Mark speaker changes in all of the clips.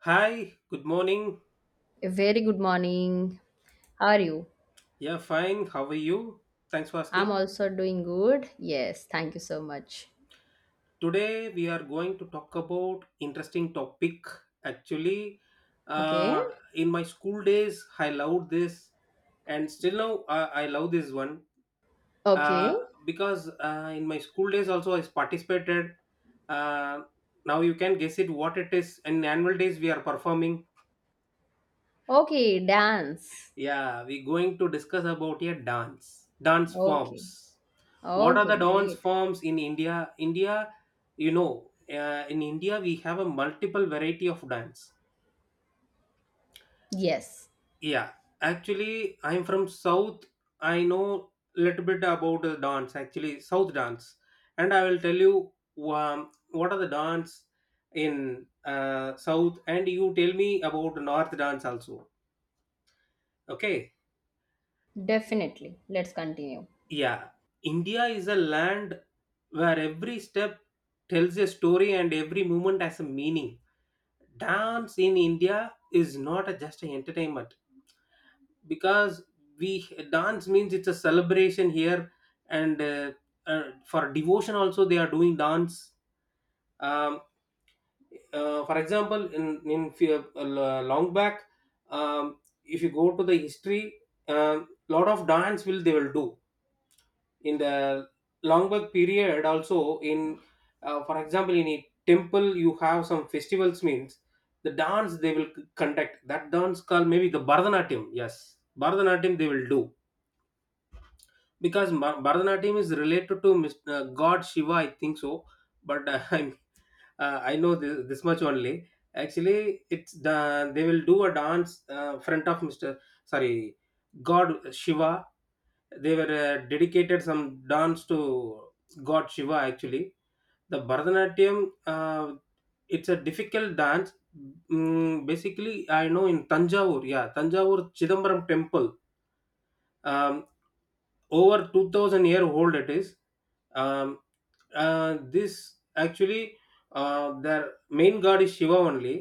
Speaker 1: Hi, good morning.
Speaker 2: A very good morning. How are you?
Speaker 1: Yeah, fine. How are you? Thanks for
Speaker 2: I'm
Speaker 1: asking.
Speaker 2: also doing good. Yes, thank you so much.
Speaker 1: Today we are going to talk about interesting topic. Actually,
Speaker 2: Okay.
Speaker 1: uh, in my school days, I loved this, and still now I love this one
Speaker 2: Okay.
Speaker 1: uh, because in my school days also I participated. Uh, Now you can guess it what it is. In annual days we are performing.
Speaker 2: Okay, dance.
Speaker 1: Yeah, we're going to discuss about a dance
Speaker 2: Okay.
Speaker 1: forms. What are
Speaker 2: Okay,
Speaker 1: the dance
Speaker 2: great.
Speaker 1: forms in india? india you know in india we have a multiple variety of dance,
Speaker 2: Yes,
Speaker 1: yeah. Actually, I'm from south. I know little bit about the dance, actually south dance, and I will tell you um, what are the dance in south, and you tell me about north dance also, okay?
Speaker 2: definitely. Let's continue.
Speaker 1: Yeah, india is a land where every step tells a story and every movement has a meaning. Dance in India is not a just an entertainment, because we, dance means it's a celebration here. And for devotion also they are doing dance. um, for example, in long back, um, if you go to the history, a lot of dance will they will do in the Longburg period also. In For example, in a temple you have some festivals means the dance they will conduct, that dance called maybe the Bharatanatyam. Yes, Bharatanatyam they will do, because Bharatanatyam is related to God Shiva, I think so. But I know this much only. Actually it's the, they will do a dance front of Mr, sorry, God Shiva. They were dedicated some dance to God Shiva actually. The Bharatanatyam, it's a difficult dance. Mm, basically, I know in Tanjavur, yeah, Tanjavur Chidambaram temple, um, over 2000-year-old it is. um, this actually, their main god is shiva only.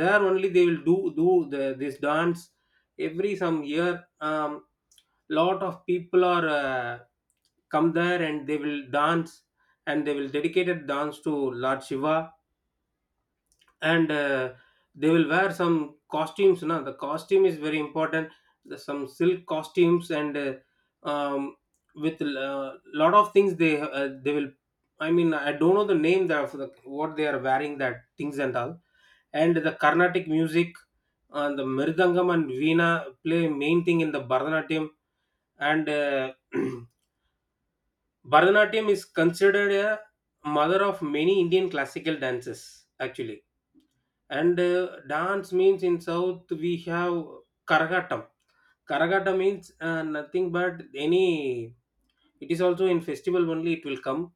Speaker 1: There only they will do the, this dance every some year. Lot of people are come there and they will dance, and they will dedicated dance to lord shiva. And they will wear some costumes. Now the costume is very important, the, some silk costumes and um, with a lot of things they will, I mean I don't know the name that of the, what they are wearing that things and all. And the carnatic music and the mridangam and veena play main thing in the bharatanatyam. And bharatanatyam is considered a mother of many indian classical dances actually. And dance means in South we have Karagatam. Karagata means nothing but any. It is also in festival only. It will come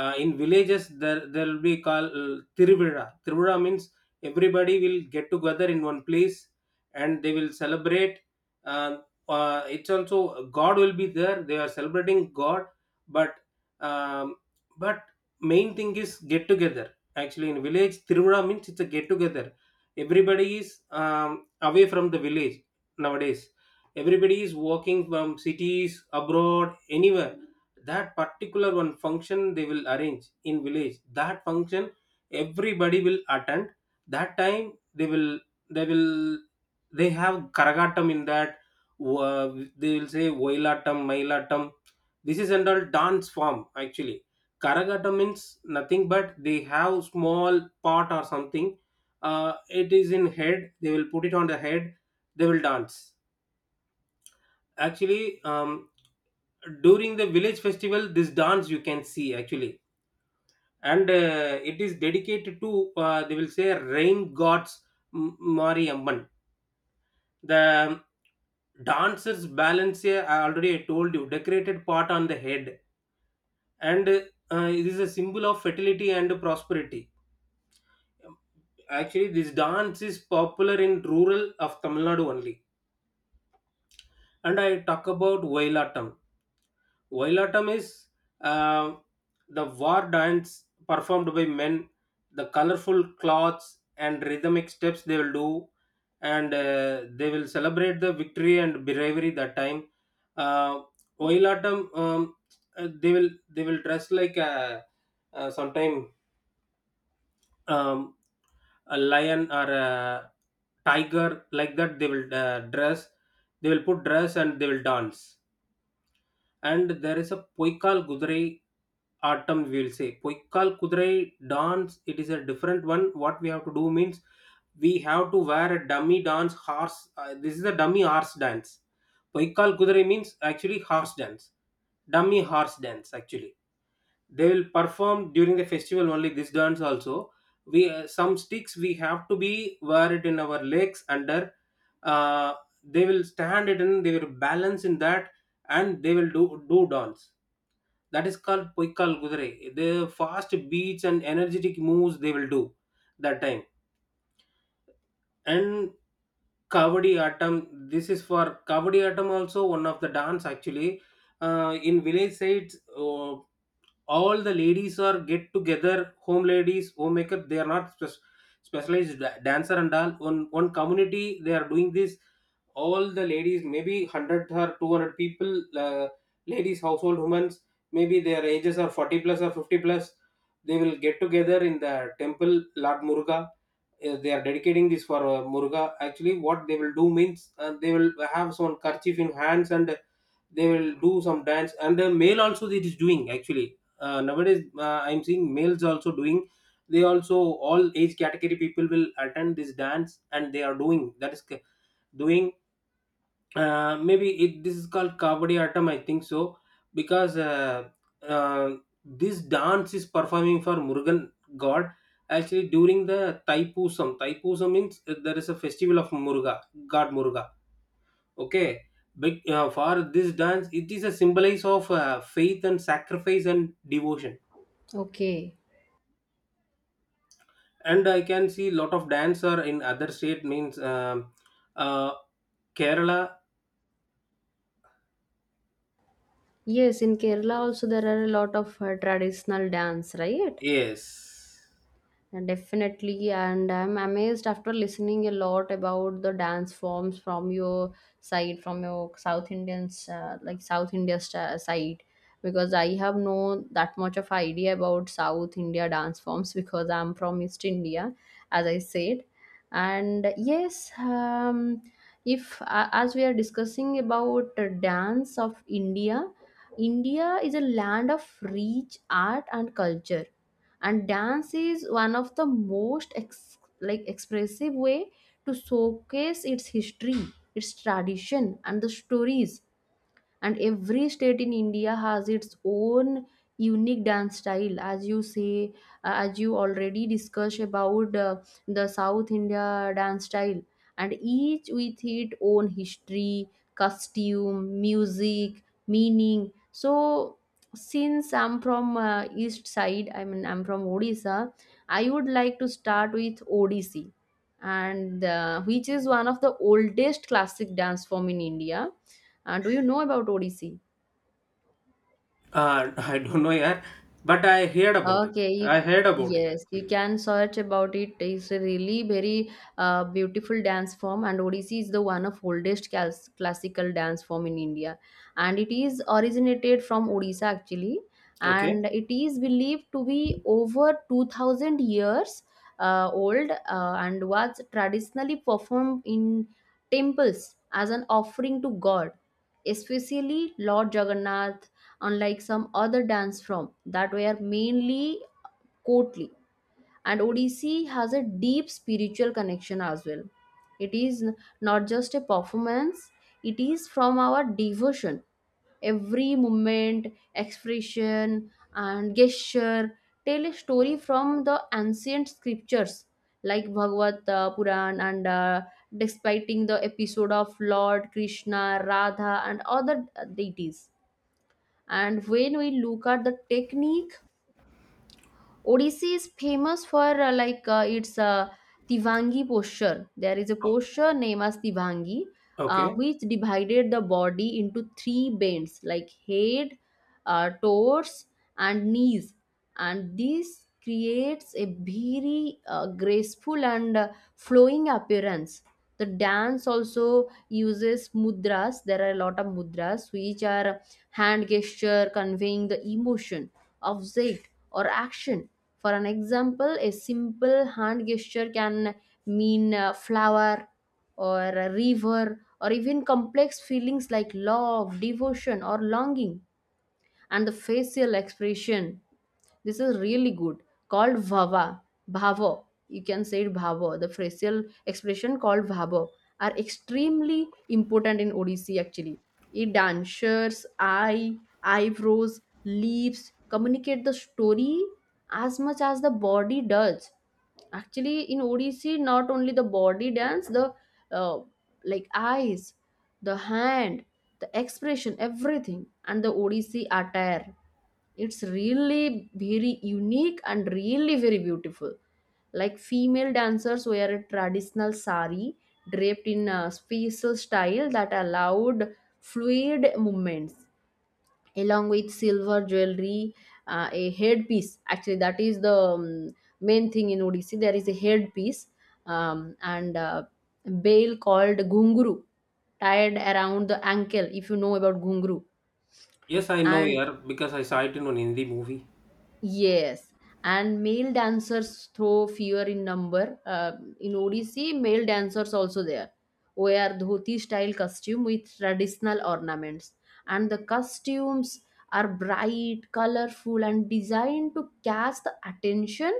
Speaker 1: in villages. There will be called tiruvira. Tiruvira means everybody will get together in one place and they will celebrate. uh, it's also god will be there, they are celebrating god, but um, but main thing is get together. Actually in village tiruvira means it's a get together, everybody is um, away from the village. Nowadays everybody is walking from cities, abroad, anywhere. That particular one function they will arrange in village, that function everybody will attend. That time they will, they will they have karagatam in that. uh, they will say oilatam mailatam, this is an all dance form actually. Karagata means nothing but they have small pot or something. uh, it is in head, they will put it on the head, they will dance actually. During the village festival this dance you can see actually. And it is dedicated to they will say rain gods, mari amman. The um, dancers balance I already told you, decorated pot on the head, and it is a symbol of fertility and prosperity. Actually this dance is popular in rural of tamil nadu only. And I talk about vailatam. Wailatam is uh, the war dance performed by men, the colorful clothes and rhythmic steps they will do, and they will celebrate the victory and bravery that time. Uh, Wailatam, uh, they will they will dress like a, sometime um, a lion or a tiger, like that. They will dress, they will put dress and they will dance. And there is a poikal kudirai, autumn we'll say poikal kudirai dance. It is a different one. What we have to do means we have to wear a dummy dance horse. This is a dummy horse dance. Poikal kudirai means actually horse dance, dummy horse dance actually. They will perform during the festival only, this dance also. We some sticks we have to be wear it in our legs under. uh, they will stand it and they will balance in that, and they will do dance. That is called poikal gudre. The fast beats and energetic moves they will do that time. And Kavadi Atam. This is for Kavadi Atam also, one of the dance actually. In village sides, all the ladies are get together, home ladies, homemaker. They are not specialized dancer and all. On one community they are doing this. All the ladies maybe 100 or 200 people, ladies, household women, maybe their ages are 40 plus or 50 plus. They will get together in the temple lord murga. They are dedicating this for Muruga. Actually, what they will do means they will have some kerchief in hands, and they will do some dance. And the male also it is doing actually. Nowadays, I'm seeing males also doing. They also all age category people will attend this dance, and they are doing that is doing. Maybe it this is called Kabaddi Atam, I think so, because uh, this dance is performing for Murugan God actually, during the Taipusam. Taipusam means there is a festival of Muruga, God Muruga. Okay, but for this dance, it is a symbolize of faith and sacrifice and devotion.
Speaker 2: Okay.
Speaker 1: And I can see lot of dancer in other state means, uh, Kerala.
Speaker 2: Yes, in Kerala also there are a lot of traditional dance, right?
Speaker 1: Yes.
Speaker 2: Definitely, and I'm amazed after listening a lot about the dance forms from your side, from your South Indians, like South India side, because I have no that much of idea about South India dance forms because I'm from East India, as I said, and yes, if as we are discussing about dance of India. India is a land of rich art and culture, and dance is one of the most like expressive way to showcase its history, its tradition, and the stories. And every state in India has its own unique dance style. As you say, as you already discussed about the South India dance style, and each with its own history, costume, music, meaning. So since I'm from East side, I mean I'm from Odisha, I would like to start with Odissi, and which is one of the oldest classic dance form in India. Do you know about Odissi?
Speaker 1: I don't know, yeah, but I heard about it.
Speaker 2: Okay,
Speaker 1: I
Speaker 2: you,
Speaker 1: heard about it
Speaker 2: yes, you
Speaker 1: actually.
Speaker 2: can search about it. It's a really very beautiful dance form, and Odissi is the one of oldest classical dance form in India, and it is originated from Odisha actually,
Speaker 1: Okay.
Speaker 2: and it is believed to be over 2,000 years old, and was traditionally performed in temples as an offering to God, especially Lord Jagannath. Unlike some other dance form that were mainly courtly. And Odissi has a deep spiritual connection as well. It is n- not just a performance, it is from our devotion. Every movement, expression, and gesture tell a story from the ancient scriptures like Bhagavad Puran, and despite the episode of Lord Krishna, Radha, and other deities. And when we look at the technique, Odissi is famous for like its tivangi posture. There is a
Speaker 1: O-
Speaker 2: posture named as tivangi,
Speaker 1: Okay.
Speaker 2: which divided the body into three bends like head, torso, and knees, and this creates a very graceful and flowing appearance. The dance also uses mudras. There are a lot of mudras which are hand gesture conveying the emotion, object, or action. For an example, a simple hand gesture can mean flower or a river or even complex feelings like love, devotion, or longing. And the facial expression, this is really good, called vava, bhavo, you can say it bhavo, the facial expression called bhavo, are extremely important in Odissi actually. It dancers eye, eyebrows, lips communicate the story as much as the body does. Actually, in Odissi not only the body dance, the uh, like eyes, the hand, the expression, everything. And the odc attire, it's really very unique and really very beautiful. Like female dancers wear a traditional sari draped in a special style that allowed fluid movements, along with silver jewelry, a headpiece, actually that is the main thing in Odissi. There is a headpiece, and bale called gunguru, tied around the ankle, if you know about gunguru.
Speaker 1: Yes, I know,
Speaker 2: And
Speaker 1: yeah, because I saw it in one Hindi movie.
Speaker 2: yes, and male dancers throw fear in number. In Odissi, male dancers also there wear dhoti style costume with traditional ornaments, and the costumes are bright, colorful, and designed to catch the attention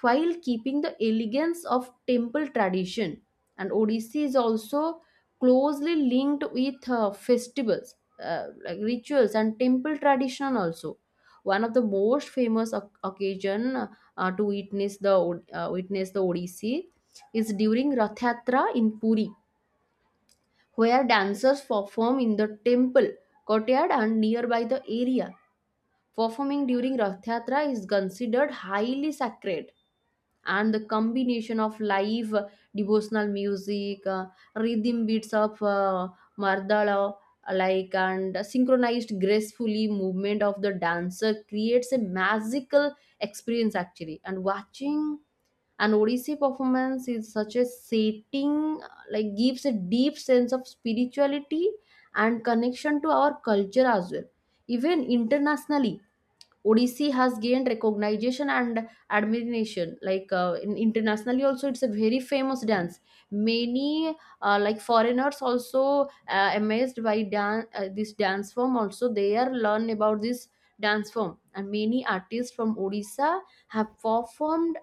Speaker 2: while keeping the elegance of temple tradition. And Odissi is also closely linked with festivals, like rituals, and temple tradition also. One of the most famous occasion to witness the witness the Odissi is during Rath Yatra in Puri, where dancers perform in the temple courtyard and nearby the area. Performing during Rath Yatra is considered highly sacred, and the combination of live devotional music, rhythm beats of mardala, like, and synchronized gracefully movement of the dancer creates a magical experience actually. And watching an Odissi performance is such a setting, like gives a deep sense of spirituality and connection to our culture as well. Even internationally, Odissi has gained recognition and admiration. Like in internationally, also it's a very famous dance. Many like foreigners also amazed by this dance form. Also, they are learn about this dance form, and many artists from Odisha have performed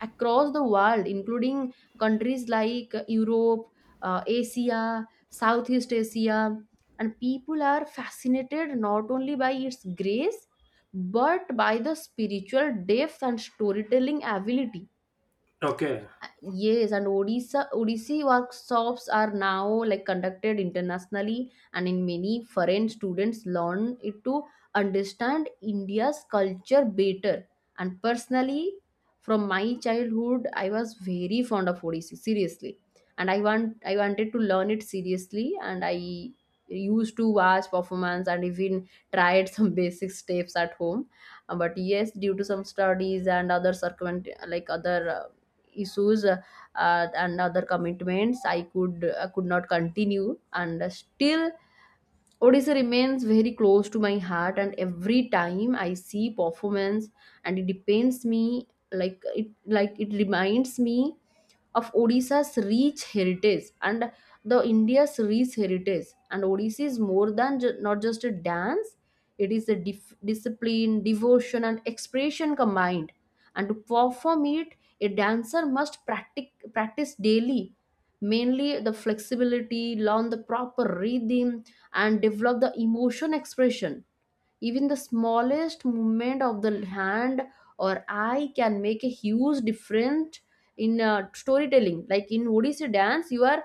Speaker 2: across the world, including countries like Europe, Asia, Southeast Asia, and people are fascinated not only by its grace but by the spiritual depth and storytelling ability.
Speaker 1: Okay.
Speaker 2: Yes, and Odisha Odissi workshops are now like conducted internationally, and in many foreign students learn it to understand India's culture better. And personally, from my childhood, I was very fond of Odissi, seriously, and I wanted to learn it seriously, and I used to watch performance and even tried some basic steps at home. But yes, due to some studies and other circumvent, like other issues, and other commitments, I could not continue, and still Odisha remains very close to my heart. And every time I see performance, and it depends me like it reminds me of Odisha's rich heritage and the India's rich heritage. And Odisha is more than not just a dance; it is a discipline, devotion, and expression combined. And to perform it, a dancer must practice daily, mainly the flexibility, learn the proper rhythm, and develop the emotion expression. Even the smallest movement of the hand or eye can make a huge difference in storytelling. Like in Odissi dance you are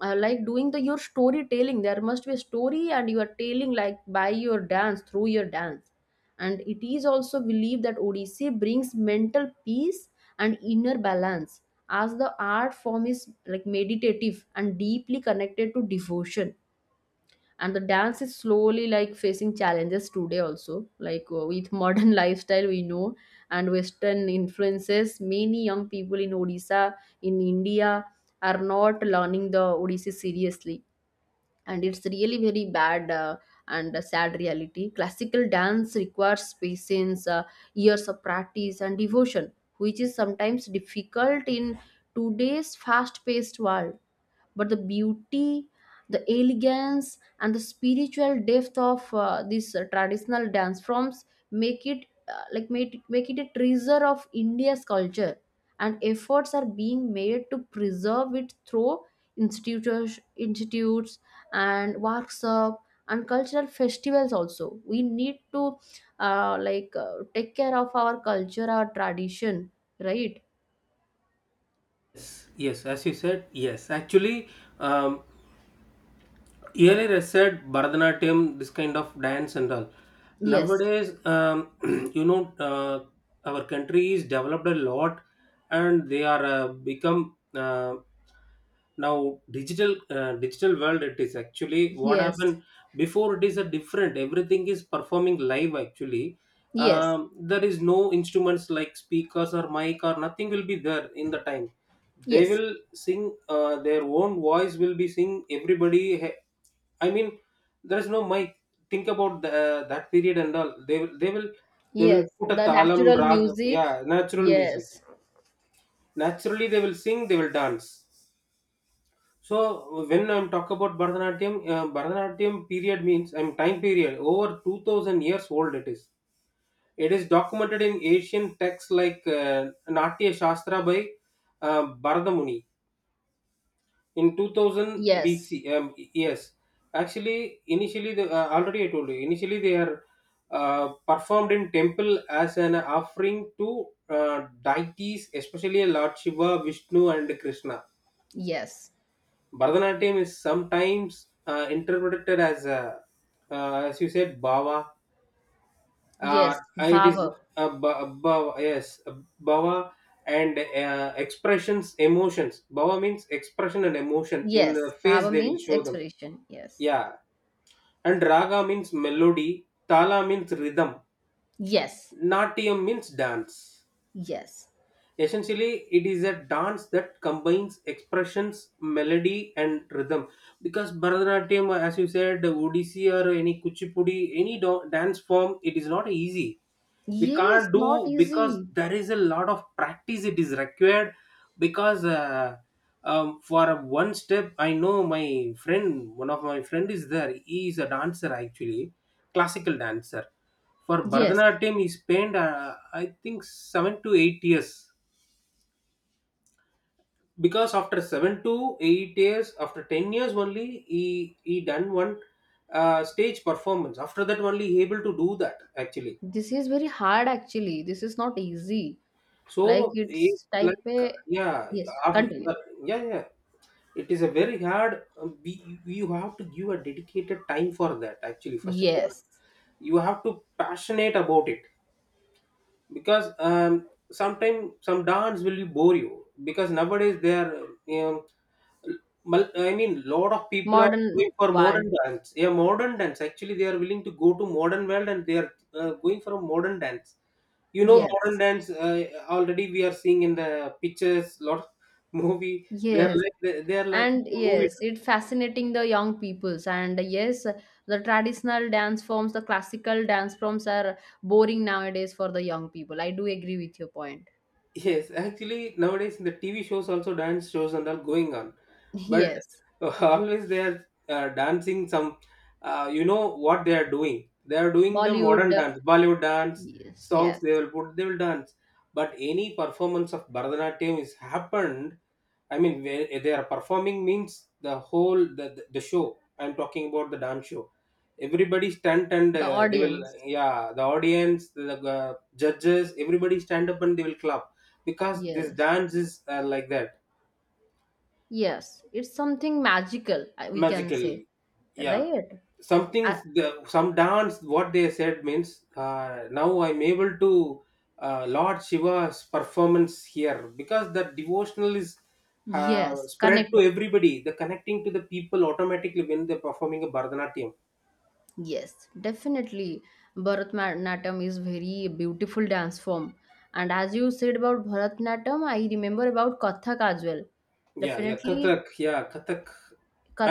Speaker 2: like doing the your storytelling, there must be a story and you are telling like by your dance, through your dance. And it is also believed that Odissi brings mental peace and inner balance, as the art form is like meditative and deeply connected to devotion. And the dance is slowly like facing challenges today also, like with modern lifestyle, we know, and western influences. Many young people in Odisha, in India, are not learning the Odissi seriously, and it's really very bad, and a sad reality. Classical dance requires patience, years of practice and devotion, which is sometimes difficult in today's fast paced world. But the beauty, the elegance, and the spiritual depth of these traditional dance forms make it like make it a treasure of India's culture. And efforts are being made to preserve it through institutions, institutes, and workshops, and cultural festivals also. We need to like take care of our culture, our tradition, right?
Speaker 1: Yes, yes, as you said, yes. Actually, um, earlier I said Bharatanatyam, this kind of dance and all.
Speaker 2: Yes,
Speaker 1: Nowadays, you know, our country is developed a lot, and they are become now digital world. It is actually what
Speaker 2: yes,
Speaker 1: happened before. It is a different. Everything is performing live. Actually,
Speaker 2: yes,
Speaker 1: there is no instruments like speakers or mic or nothing will be there in the time. They
Speaker 2: yes.
Speaker 1: will sing, their own voice will be sing, everybody I mean there is no mic. Think about the, that period and all. They will, they will
Speaker 2: Yes,
Speaker 1: put a
Speaker 2: the
Speaker 1: talam
Speaker 2: natural
Speaker 1: rag.
Speaker 2: music.
Speaker 1: Yeah, natural music,
Speaker 2: Yes,
Speaker 1: naturally they will sing, they will dance. So when I'm talk about bharatanatyam, bharatanatyam period means I'm time period over 2000 years old it is. It is documented in ancient texts like natya shastra by bharadamuni in 2000
Speaker 2: yes,
Speaker 1: BC, yes. Actually, initially, the, already I told you, initially they are performed in temple as an offering to deities, especially Lord Shiva, Vishnu, and Krishna.
Speaker 2: yes,
Speaker 1: Bharatanatyam is sometimes interpreted as, a, as you said, Bhava.
Speaker 2: yes.
Speaker 1: It is
Speaker 2: Vava.
Speaker 1: bhava, yes, a Bhava, and expressions, emotions. Bhava means expression and emotion. In
Speaker 2: Yes,
Speaker 1: the face,
Speaker 2: vava
Speaker 1: they will
Speaker 2: means
Speaker 1: show them.
Speaker 2: expression. Yes,
Speaker 1: Yeah, and raga means melody, tala means rhythm,
Speaker 2: yes,
Speaker 1: natyam means dance.
Speaker 2: yes,
Speaker 1: Essentially, it is a dance that combines expressions, melody, and rhythm. Because Bharatanatyam, as you said, Odissi or any Kuchipudi, any dance form, it is not easy, we
Speaker 2: yes.
Speaker 1: can't
Speaker 2: Not
Speaker 1: do, because
Speaker 2: easy.
Speaker 1: there is a lot of practice it is required. Because for a one step, I know my friend, one of my friend is there, he is a dancer actually, classical dancer. For
Speaker 2: Yes,
Speaker 1: bharatanatyam he spent I think 7 to 8 years, because after 7 to 8 years, after 10 years only he he done one stage performance. After that only he able to do that actually.
Speaker 2: this is very hard actually. This is not easy. Like
Speaker 1: So it's
Speaker 2: it's
Speaker 1: like,
Speaker 2: type a.
Speaker 1: yeah,
Speaker 2: Yes,
Speaker 1: after,
Speaker 2: continue.
Speaker 1: yeah, yeah. It is a very hard. We you have to give a dedicated time for that. Actually, first of all,
Speaker 2: Yes,
Speaker 1: you have to passionate about it, because sometimes some dance will bore you, because nowadays they are I mean, lot of people are
Speaker 2: modern
Speaker 1: going for
Speaker 2: world.
Speaker 1: modern dance. Yeah, modern dance. Actually, they are willing to go to modern world, and they are going for a modern dance. You know modern
Speaker 2: Yes,
Speaker 1: dance, already we are seeing in the pictures lot of movie, they're
Speaker 2: yes.
Speaker 1: like they are like
Speaker 2: And
Speaker 1: the movie
Speaker 2: yes,
Speaker 1: dance.
Speaker 2: it fascinating the young peoples. And yes, the traditional dance forms, the classical dance forms are boring nowadays for the young people. I do agree with your point.
Speaker 1: Yes, actually nowadays in the TV shows also dance shows and all going on, but
Speaker 2: Yes,
Speaker 1: always they are dancing some what they are doing, they are doing the
Speaker 2: Bollywood.
Speaker 1: modern dance, Bollywood dance
Speaker 2: Yes,
Speaker 1: songs
Speaker 2: yes.
Speaker 1: they will put, they will dance. But any performance of Bharatanatyam is happened, I mean where they are performing means the whole the show. I'm talking about the dance show. Everybody stand and
Speaker 2: The
Speaker 1: they will…
Speaker 2: audience.
Speaker 1: Yeah, the audience, the judges, everybody stand up and they will clap, because this
Speaker 2: Yes,
Speaker 1: dance is like that.
Speaker 2: yes. It's something magical. I- We can
Speaker 1: Magical.
Speaker 2: say,
Speaker 1: Yeah,
Speaker 2: right?
Speaker 1: something.
Speaker 2: Uh,
Speaker 1: The Some dance what they said means, now I'm able to… Lord Shiva's performance here, because the devotional is
Speaker 2: yes,
Speaker 1: spread
Speaker 2: connect.
Speaker 1: to everybody, the connecting to the people automatically when they're performing a Bharatanatyam.
Speaker 2: Yes, definitely. Bharatanatyam is very beautiful dance form. And as you said about Bharatanatyam, I remember about Kathak as well.
Speaker 1: Yeah,
Speaker 2: Definitely,
Speaker 1: Kathak, yeah, Kathak.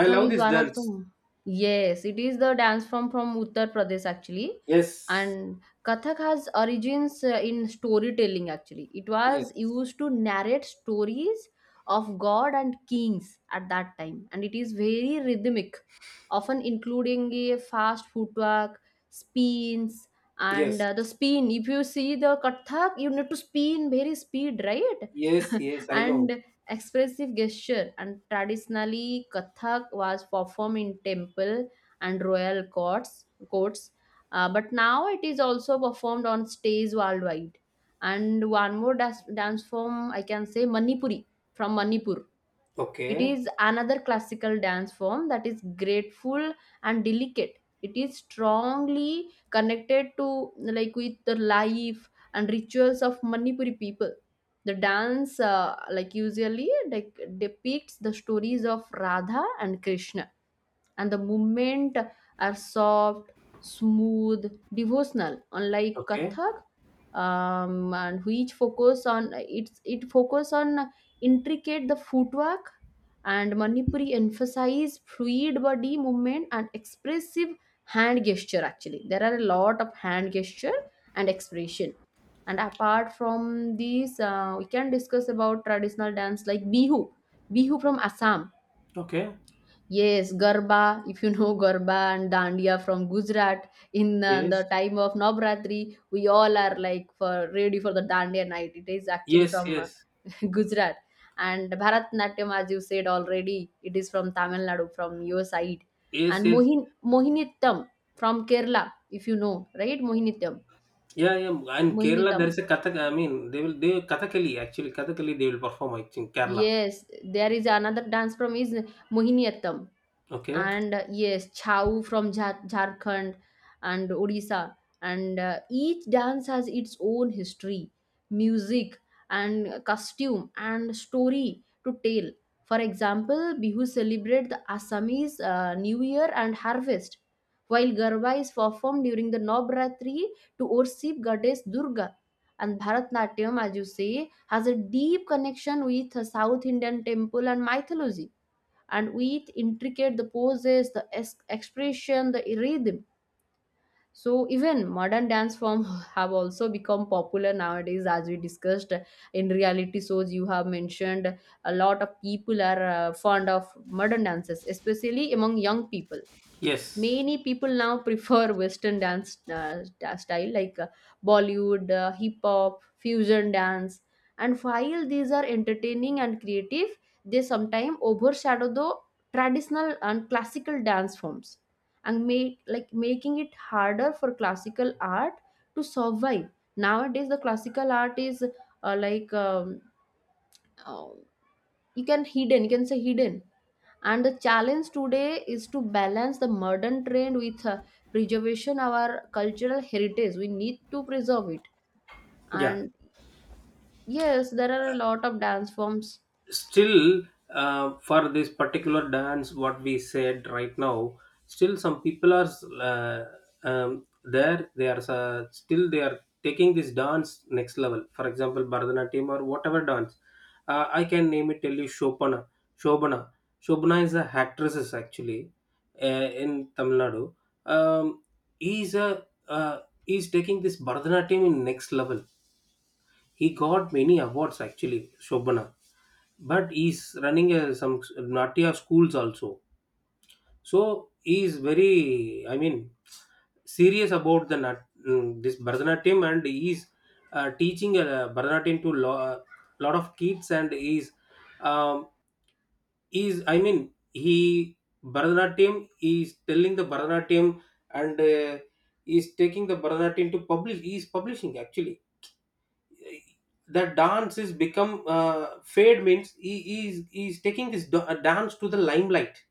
Speaker 1: I love
Speaker 2: is
Speaker 1: this
Speaker 2: one of
Speaker 1: dance.
Speaker 2: the. Yes, it is the dance form from Uttar Pradesh actually,
Speaker 1: Yes.
Speaker 2: and Kathak has origins in storytelling actually. It was
Speaker 1: Yes.
Speaker 2: used to narrate stories of god and kings at that time, and it is very rhythmic, often including a fast footwork, spins, and
Speaker 1: yes
Speaker 2: the spin. If you see the Kathak, you need to spin very speed, right?
Speaker 1: yes yes I know.
Speaker 2: And expressive gesture, and traditionally Kathak was performed in temple and royal courts, but now it is also performed on stage worldwide. And one more dance form I can say, Manipuri from Manipur. It
Speaker 1: Okay.
Speaker 2: is another classical dance form that is grateful and delicate. It is strongly connected to like with the life and rituals of Manipuri people. The dance, like usually, like depicts the stories of Radha and Krishna, and the movement are soft, smooth, devotional, unlike
Speaker 1: Okay.
Speaker 2: Kathak, and which focus on it focus on intricate the footwork. And Manipuri emphasize fluid body movement and expressive hand gesture. Actually there are a lot of hand gesture and expression. And apart from these, we can discuss about traditional dance like Bihu, Bihu from Assam.
Speaker 1: Okay.
Speaker 2: Yes, Garba, if you know Garba and Dandiya from Gujarat, in the
Speaker 1: Yes.
Speaker 2: time of Navratri, we all are like for ready for the Dandiya night. It is actually
Speaker 1: yes
Speaker 2: from
Speaker 1: yes
Speaker 2: Gujarat. And Bharatnatyam, as you said already, it is from Tamil Nadu, from your side.
Speaker 1: yes
Speaker 2: And
Speaker 1: yes
Speaker 2: Mohinittam from Kerala, if you know, right? Mohinittam.
Speaker 1: Yeah, yeah. And Kerala,
Speaker 2: Mohinittam.
Speaker 1: there is a Kathak. I mean, they Kathakali, actually Kathakali they will perform, I think, Kerala.
Speaker 2: Yes, there is another dance from is Mohiniyattam
Speaker 1: Okay.
Speaker 2: and yes, Chau from Jharkhand and Odisha and each dance has its own history, music and costume and story to tell. For example, Bihu celebrate the Assamese New Year and harvest, while Garba is performed during the Navratri to worship goddess Durga, and Bharatnatyam, as you say, has a deep connection with South Indian temple and mythology, and with intricate the poses, the expression, the rhythm. So even modern dance form have also become popular nowadays, as we discussed in reality shows. You have mentioned a lot of people are fond of modern dances, especially among young people.
Speaker 1: Yes.
Speaker 2: Many people now prefer western dance style like Bollywood, hip hop, fusion dance. And while these are entertaining and creative, they sometimes overshadow the traditional and classical dance forms and make, like, making it harder for classical art to survive. Nowadays the classical art is like um, you can hidden, you can say hidden. And the challenge today is to balance the modern trend with preservation our cultural heritage. We need to preserve it.
Speaker 1: Yeah.
Speaker 2: And yes, there are a lot of dance forms.
Speaker 1: Still, for this particular dance what we said right now, still some people are uh, there, they are still they are taking this dance next level, for example Bharatanatyam or whatever dance. I can name it, tell you, Shobana. Shobana shobana is a actresses actually, in Tamil Nadu. um, he's a uh, he's taking this Bharatanatyam in next level. He got many awards actually, Shobana, but he's running a, some Natya schools also. So he is very, I mean, serious about the this Bharatanatyam, and he is teaching Bharatanatyam to lot of kids, and um, he is I mean he Bharatanatyam, he is telling the Bharatanatyam, and he is taking the Bharatanatyam to publish. He is publishing, actually the dance is become fade means he is taking this dance to the limelight,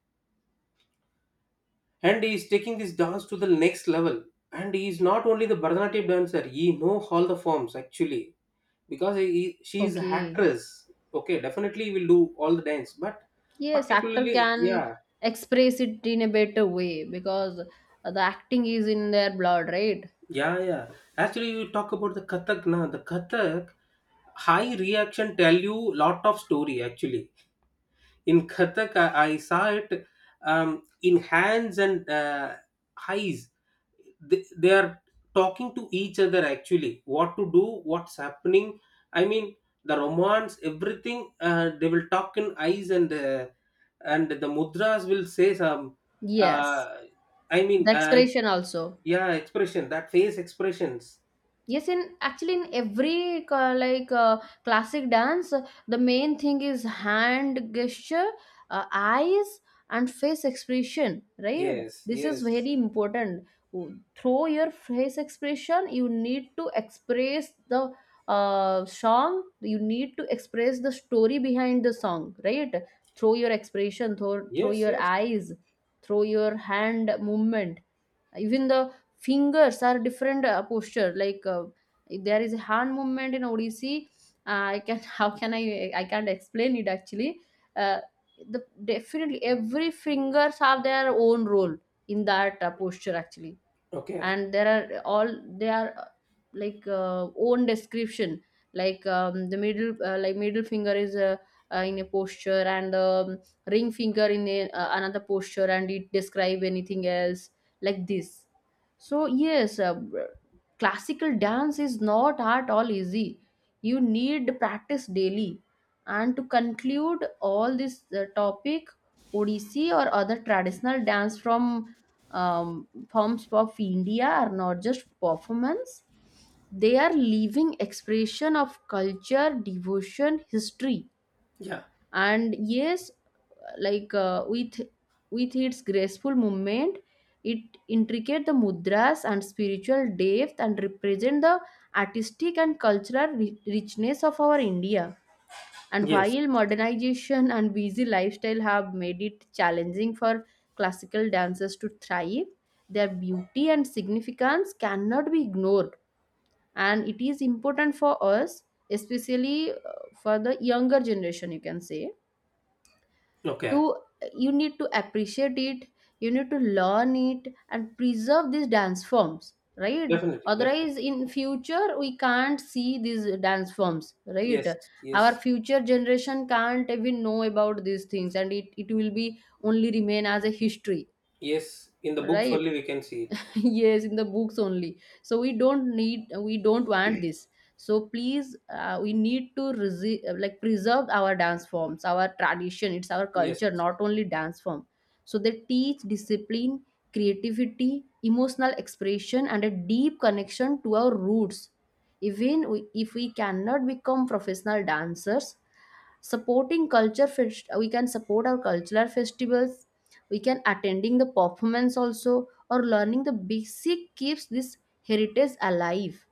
Speaker 1: and he is taking this dance to the next level. And he is not only the Bharatanatyam dancer, he know all the forms actually, because she is a
Speaker 2: Okay.
Speaker 1: actress. Okay, definitely he will do all the dance, but
Speaker 2: Yes, actor
Speaker 1: particularly,
Speaker 2: can
Speaker 1: yeah.
Speaker 2: express it in a better way because the acting is in their blood, right?
Speaker 1: Yeah, yeah. Actually, you talk about the Kathak, na, the Kathak high reaction, tell you lot of story actually. In Kathak, I saw it, in hands and eyes. They are talking to each other actually. What to do, what's happening. I mean, the romance, everything. They will talk in eyes and the mudras will say some.
Speaker 2: Yes,
Speaker 1: Uh, I
Speaker 2: the
Speaker 1: mean, uh,
Speaker 2: expression also.
Speaker 1: yeah, expression, that face expressions.
Speaker 2: Yes, in actually in every classic dance, the main thing is hand gesture, eyes and face expression, right?
Speaker 1: Yes,
Speaker 2: This is
Speaker 1: yes,
Speaker 2: very important. Through your face expression you need to express the song, you need to express the story behind the song, right? Through your expression, through
Speaker 1: yes,
Speaker 2: your
Speaker 1: yes.
Speaker 2: eyes, through your hand movement. Even the fingers are different posture, like if there is a hand movement in odissi, I can how can I can't explain it actually. uh, the definitely every fingers have their own role in that posture actually.
Speaker 1: Okay.
Speaker 2: And there are all, they are own description, like the middle middle finger is in a posture, and ring finger in a, another posture, and it describe anything else like this. So yes, classical dance is not at all easy. You need practice daily. And to conclude all this topic, odissi or other traditional dance from um, forms of India are not just performance, they are living expression of culture, devotion, history.
Speaker 1: Yeah.
Speaker 2: And yes, like with its graceful movement, it intricate the mudras and spiritual depth and represent the artistic and cultural richness of our India. And
Speaker 1: Yes.
Speaker 2: while modernization and busy lifestyle have made it challenging for classical dancers to thrive, their beauty and significance cannot be ignored. And it is important for us, especially for the younger generation, you can say, to,
Speaker 1: Okay.
Speaker 2: you need to appreciate it, you need to learn it and preserve these dance forms, right?
Speaker 1: Definitely. Definitely.
Speaker 2: Otherwise in future we can't see these dance forms, right?
Speaker 1: Yes.
Speaker 2: Our
Speaker 1: Yes.
Speaker 2: future generation can't even know about these things and it will be only remain as a history,
Speaker 1: Yes, in the books
Speaker 2: right?
Speaker 1: only we can see it.
Speaker 2: Yes, in the books only. So we don't need, we don't want this. So please, we need to preserve our dance forms, our tradition. It's our
Speaker 1: Yes.
Speaker 2: culture, not only dance form. So they teach discipline, creativity, emotional expression and a deep connection to our roots. Even we, if we cannot become professional dancers, supporting we can support our cultural festivals, we can attending the performance also, or learning the basic keeps this heritage alive.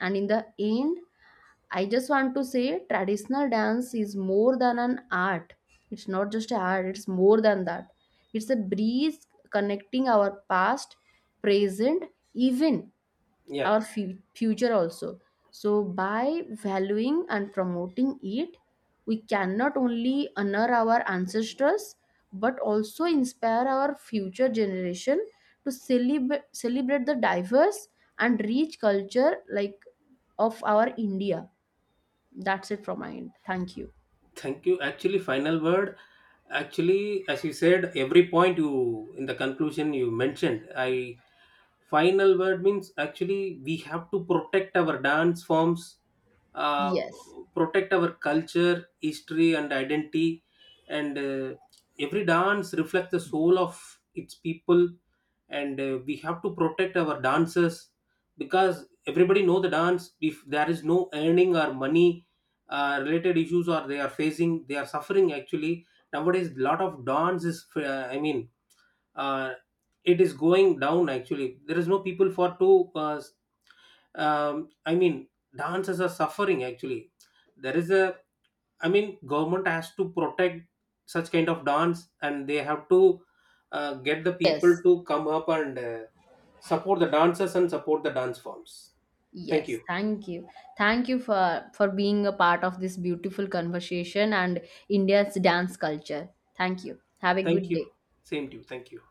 Speaker 2: And in the end, I just want to say traditional dance is more than an art, it's not just an art, it's more than that. It's a breeze connecting our past, present, even
Speaker 1: Yeah.
Speaker 2: our future also. So by valuing and promoting it, we cannot only honor our ancestors but also inspire our future generation to celebrate the diverse and rich culture like of our India. That's it from my end, thank you.
Speaker 1: Thank you. Actually, final word. Actually, as you said, every point you in the conclusion you mentioned, I final word means actually we have to protect our dance forms, uh,
Speaker 2: Yes,
Speaker 1: protect our culture, history, and identity. And every dance reflects the soul of its people, and we have to protect our dancers, because everybody know the dance. If there is no earning or money related issues, or they are facing, they are suffering actually. Nowadays lot of dance is uh, it is going down, actually there is no people for to I mean, dancers are suffering actually. There is a, I mean, government has to protect such kind of dance, and they have to get the people
Speaker 2: yes.
Speaker 1: to come up and support the dancers and support the dance forms. Thank
Speaker 2: Yes,
Speaker 1: you.
Speaker 2: thank you. Thank you for being a part of this beautiful conversation and India's dance culture. Thank you. Have a
Speaker 1: Thank
Speaker 2: good
Speaker 1: you.
Speaker 2: day.
Speaker 1: Same to you. Thank you.